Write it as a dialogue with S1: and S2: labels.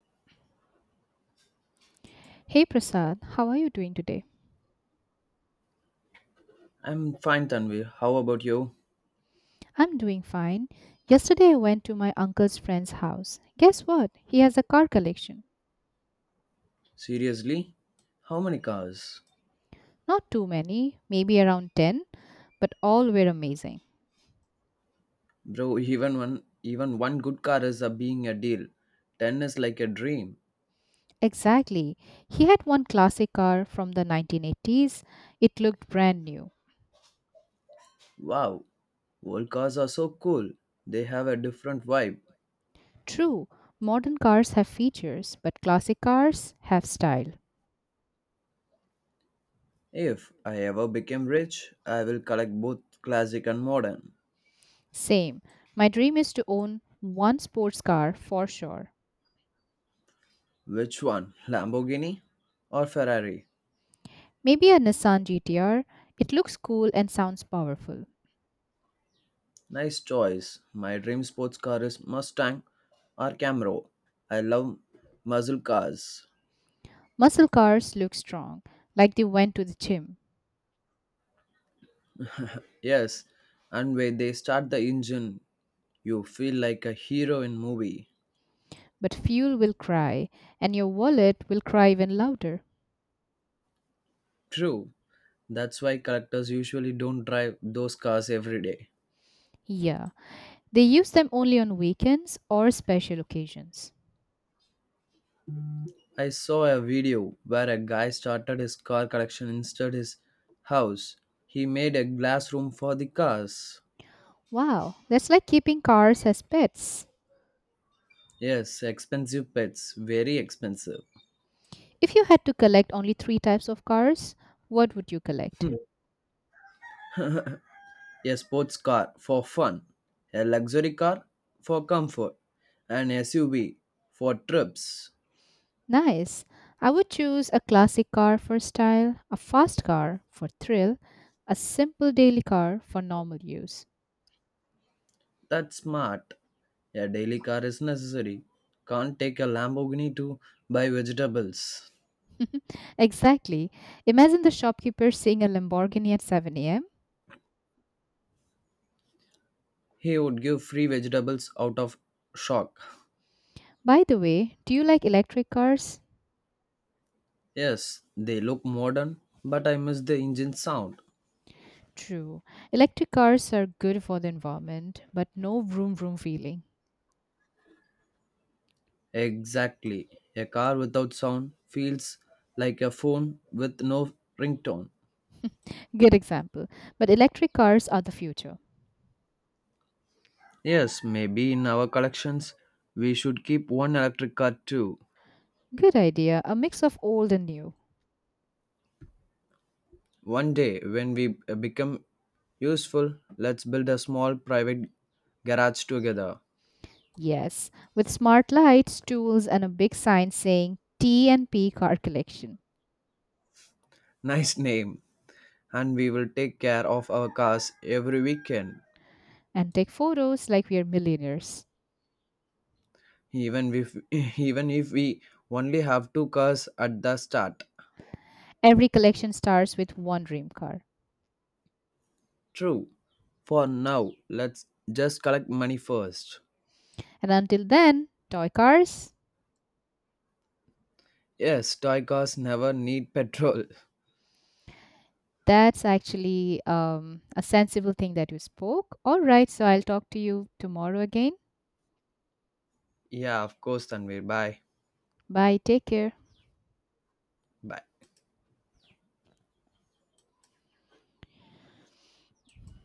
S1: Hey Prasad, how are you doing today?
S2: I'm fine, Tanvi. How about you?
S1: I'm doing fine. Yesterday I went to my uncle's friend's house. Guess what? He has a car collection.
S2: Seriously? How many cars?
S1: Not too many, maybe around 10, but all were amazing.
S2: Bro, even one good car is a being a deal. Ten is like a dream.
S1: Exactly. He had one classic car from the 1980s. It looked brand new.
S2: Wow. Old cars are so cool. They have a different vibe.
S1: True, modern cars have features, but classic cars have style.
S2: If I ever became rich, I will collect both classic and modern.
S1: Same. My dream is to own one sports car for sure.
S2: Which one? Lamborghini or Ferrari?
S1: Maybe a Nissan GTR. It looks cool and sounds powerful.
S2: Nice choice. My dream sports car is Mustang or Camaro. I love muscle cars.
S1: Muscle cars look strong, like they went to the gym.
S2: Yes, and when they start the engine, you feel like a hero in movie.
S1: But fuel will cry, and your wallet will cry even louder.
S2: True. That's why collectors usually don't drive those cars every day.
S1: Yeah, they use them only on weekends or special occasions.
S2: I saw a video where a guy started his car collection instead his house. He made a glass room for the cars.
S1: Wow, that's like keeping cars as pets.
S2: Yes, expensive pets, very expensive.
S1: If you had to collect only three types of cars, what would you collect?
S2: Hmm. A sports car for fun, a luxury car for comfort, an SUV for trips.
S1: Nice. I would choose a classic car for style, a fast car for thrill, a simple daily car for normal use.
S2: That's smart. A daily car is necessary. Can't take a Lamborghini to buy vegetables.
S1: exactly. Imagine the shopkeeper seeing a Lamborghini at 7 a.m.
S2: He would give free vegetables out of shock.
S1: By the way, do you like electric cars?
S2: Yes, they look modern, but I miss the engine sound.
S1: True. Electric cars are good for the environment, but no vroom vroom feeling.
S2: Exactly. A car without sound feels like a phone with no ringtone.
S1: good example. But electric cars are the future.
S2: Yes, maybe in our collections we should keep one electric car too.
S1: Good idea. A mix of old and new.
S2: One day when we become useful, let's build a small private garage together.
S1: Yes, with smart lights, tools, and a big sign saying T and P car collection,
S2: Nice name. And we will take care of our cars every weekend,
S1: and take photos like we are millionaires.
S2: even if even if we only have two cars at the start.
S1: Every collection starts with one dream car.
S2: True. For now, let's just collect money first.
S1: And until then, toy cars,
S2: Yes, toy cars never need petrol.
S1: that's actually a sensible thing that you spoke. All right, so I'll talk to you tomorrow again.
S2: Yeah, of course, Tanvir. Bye.
S1: Bye, take care.
S2: Bye.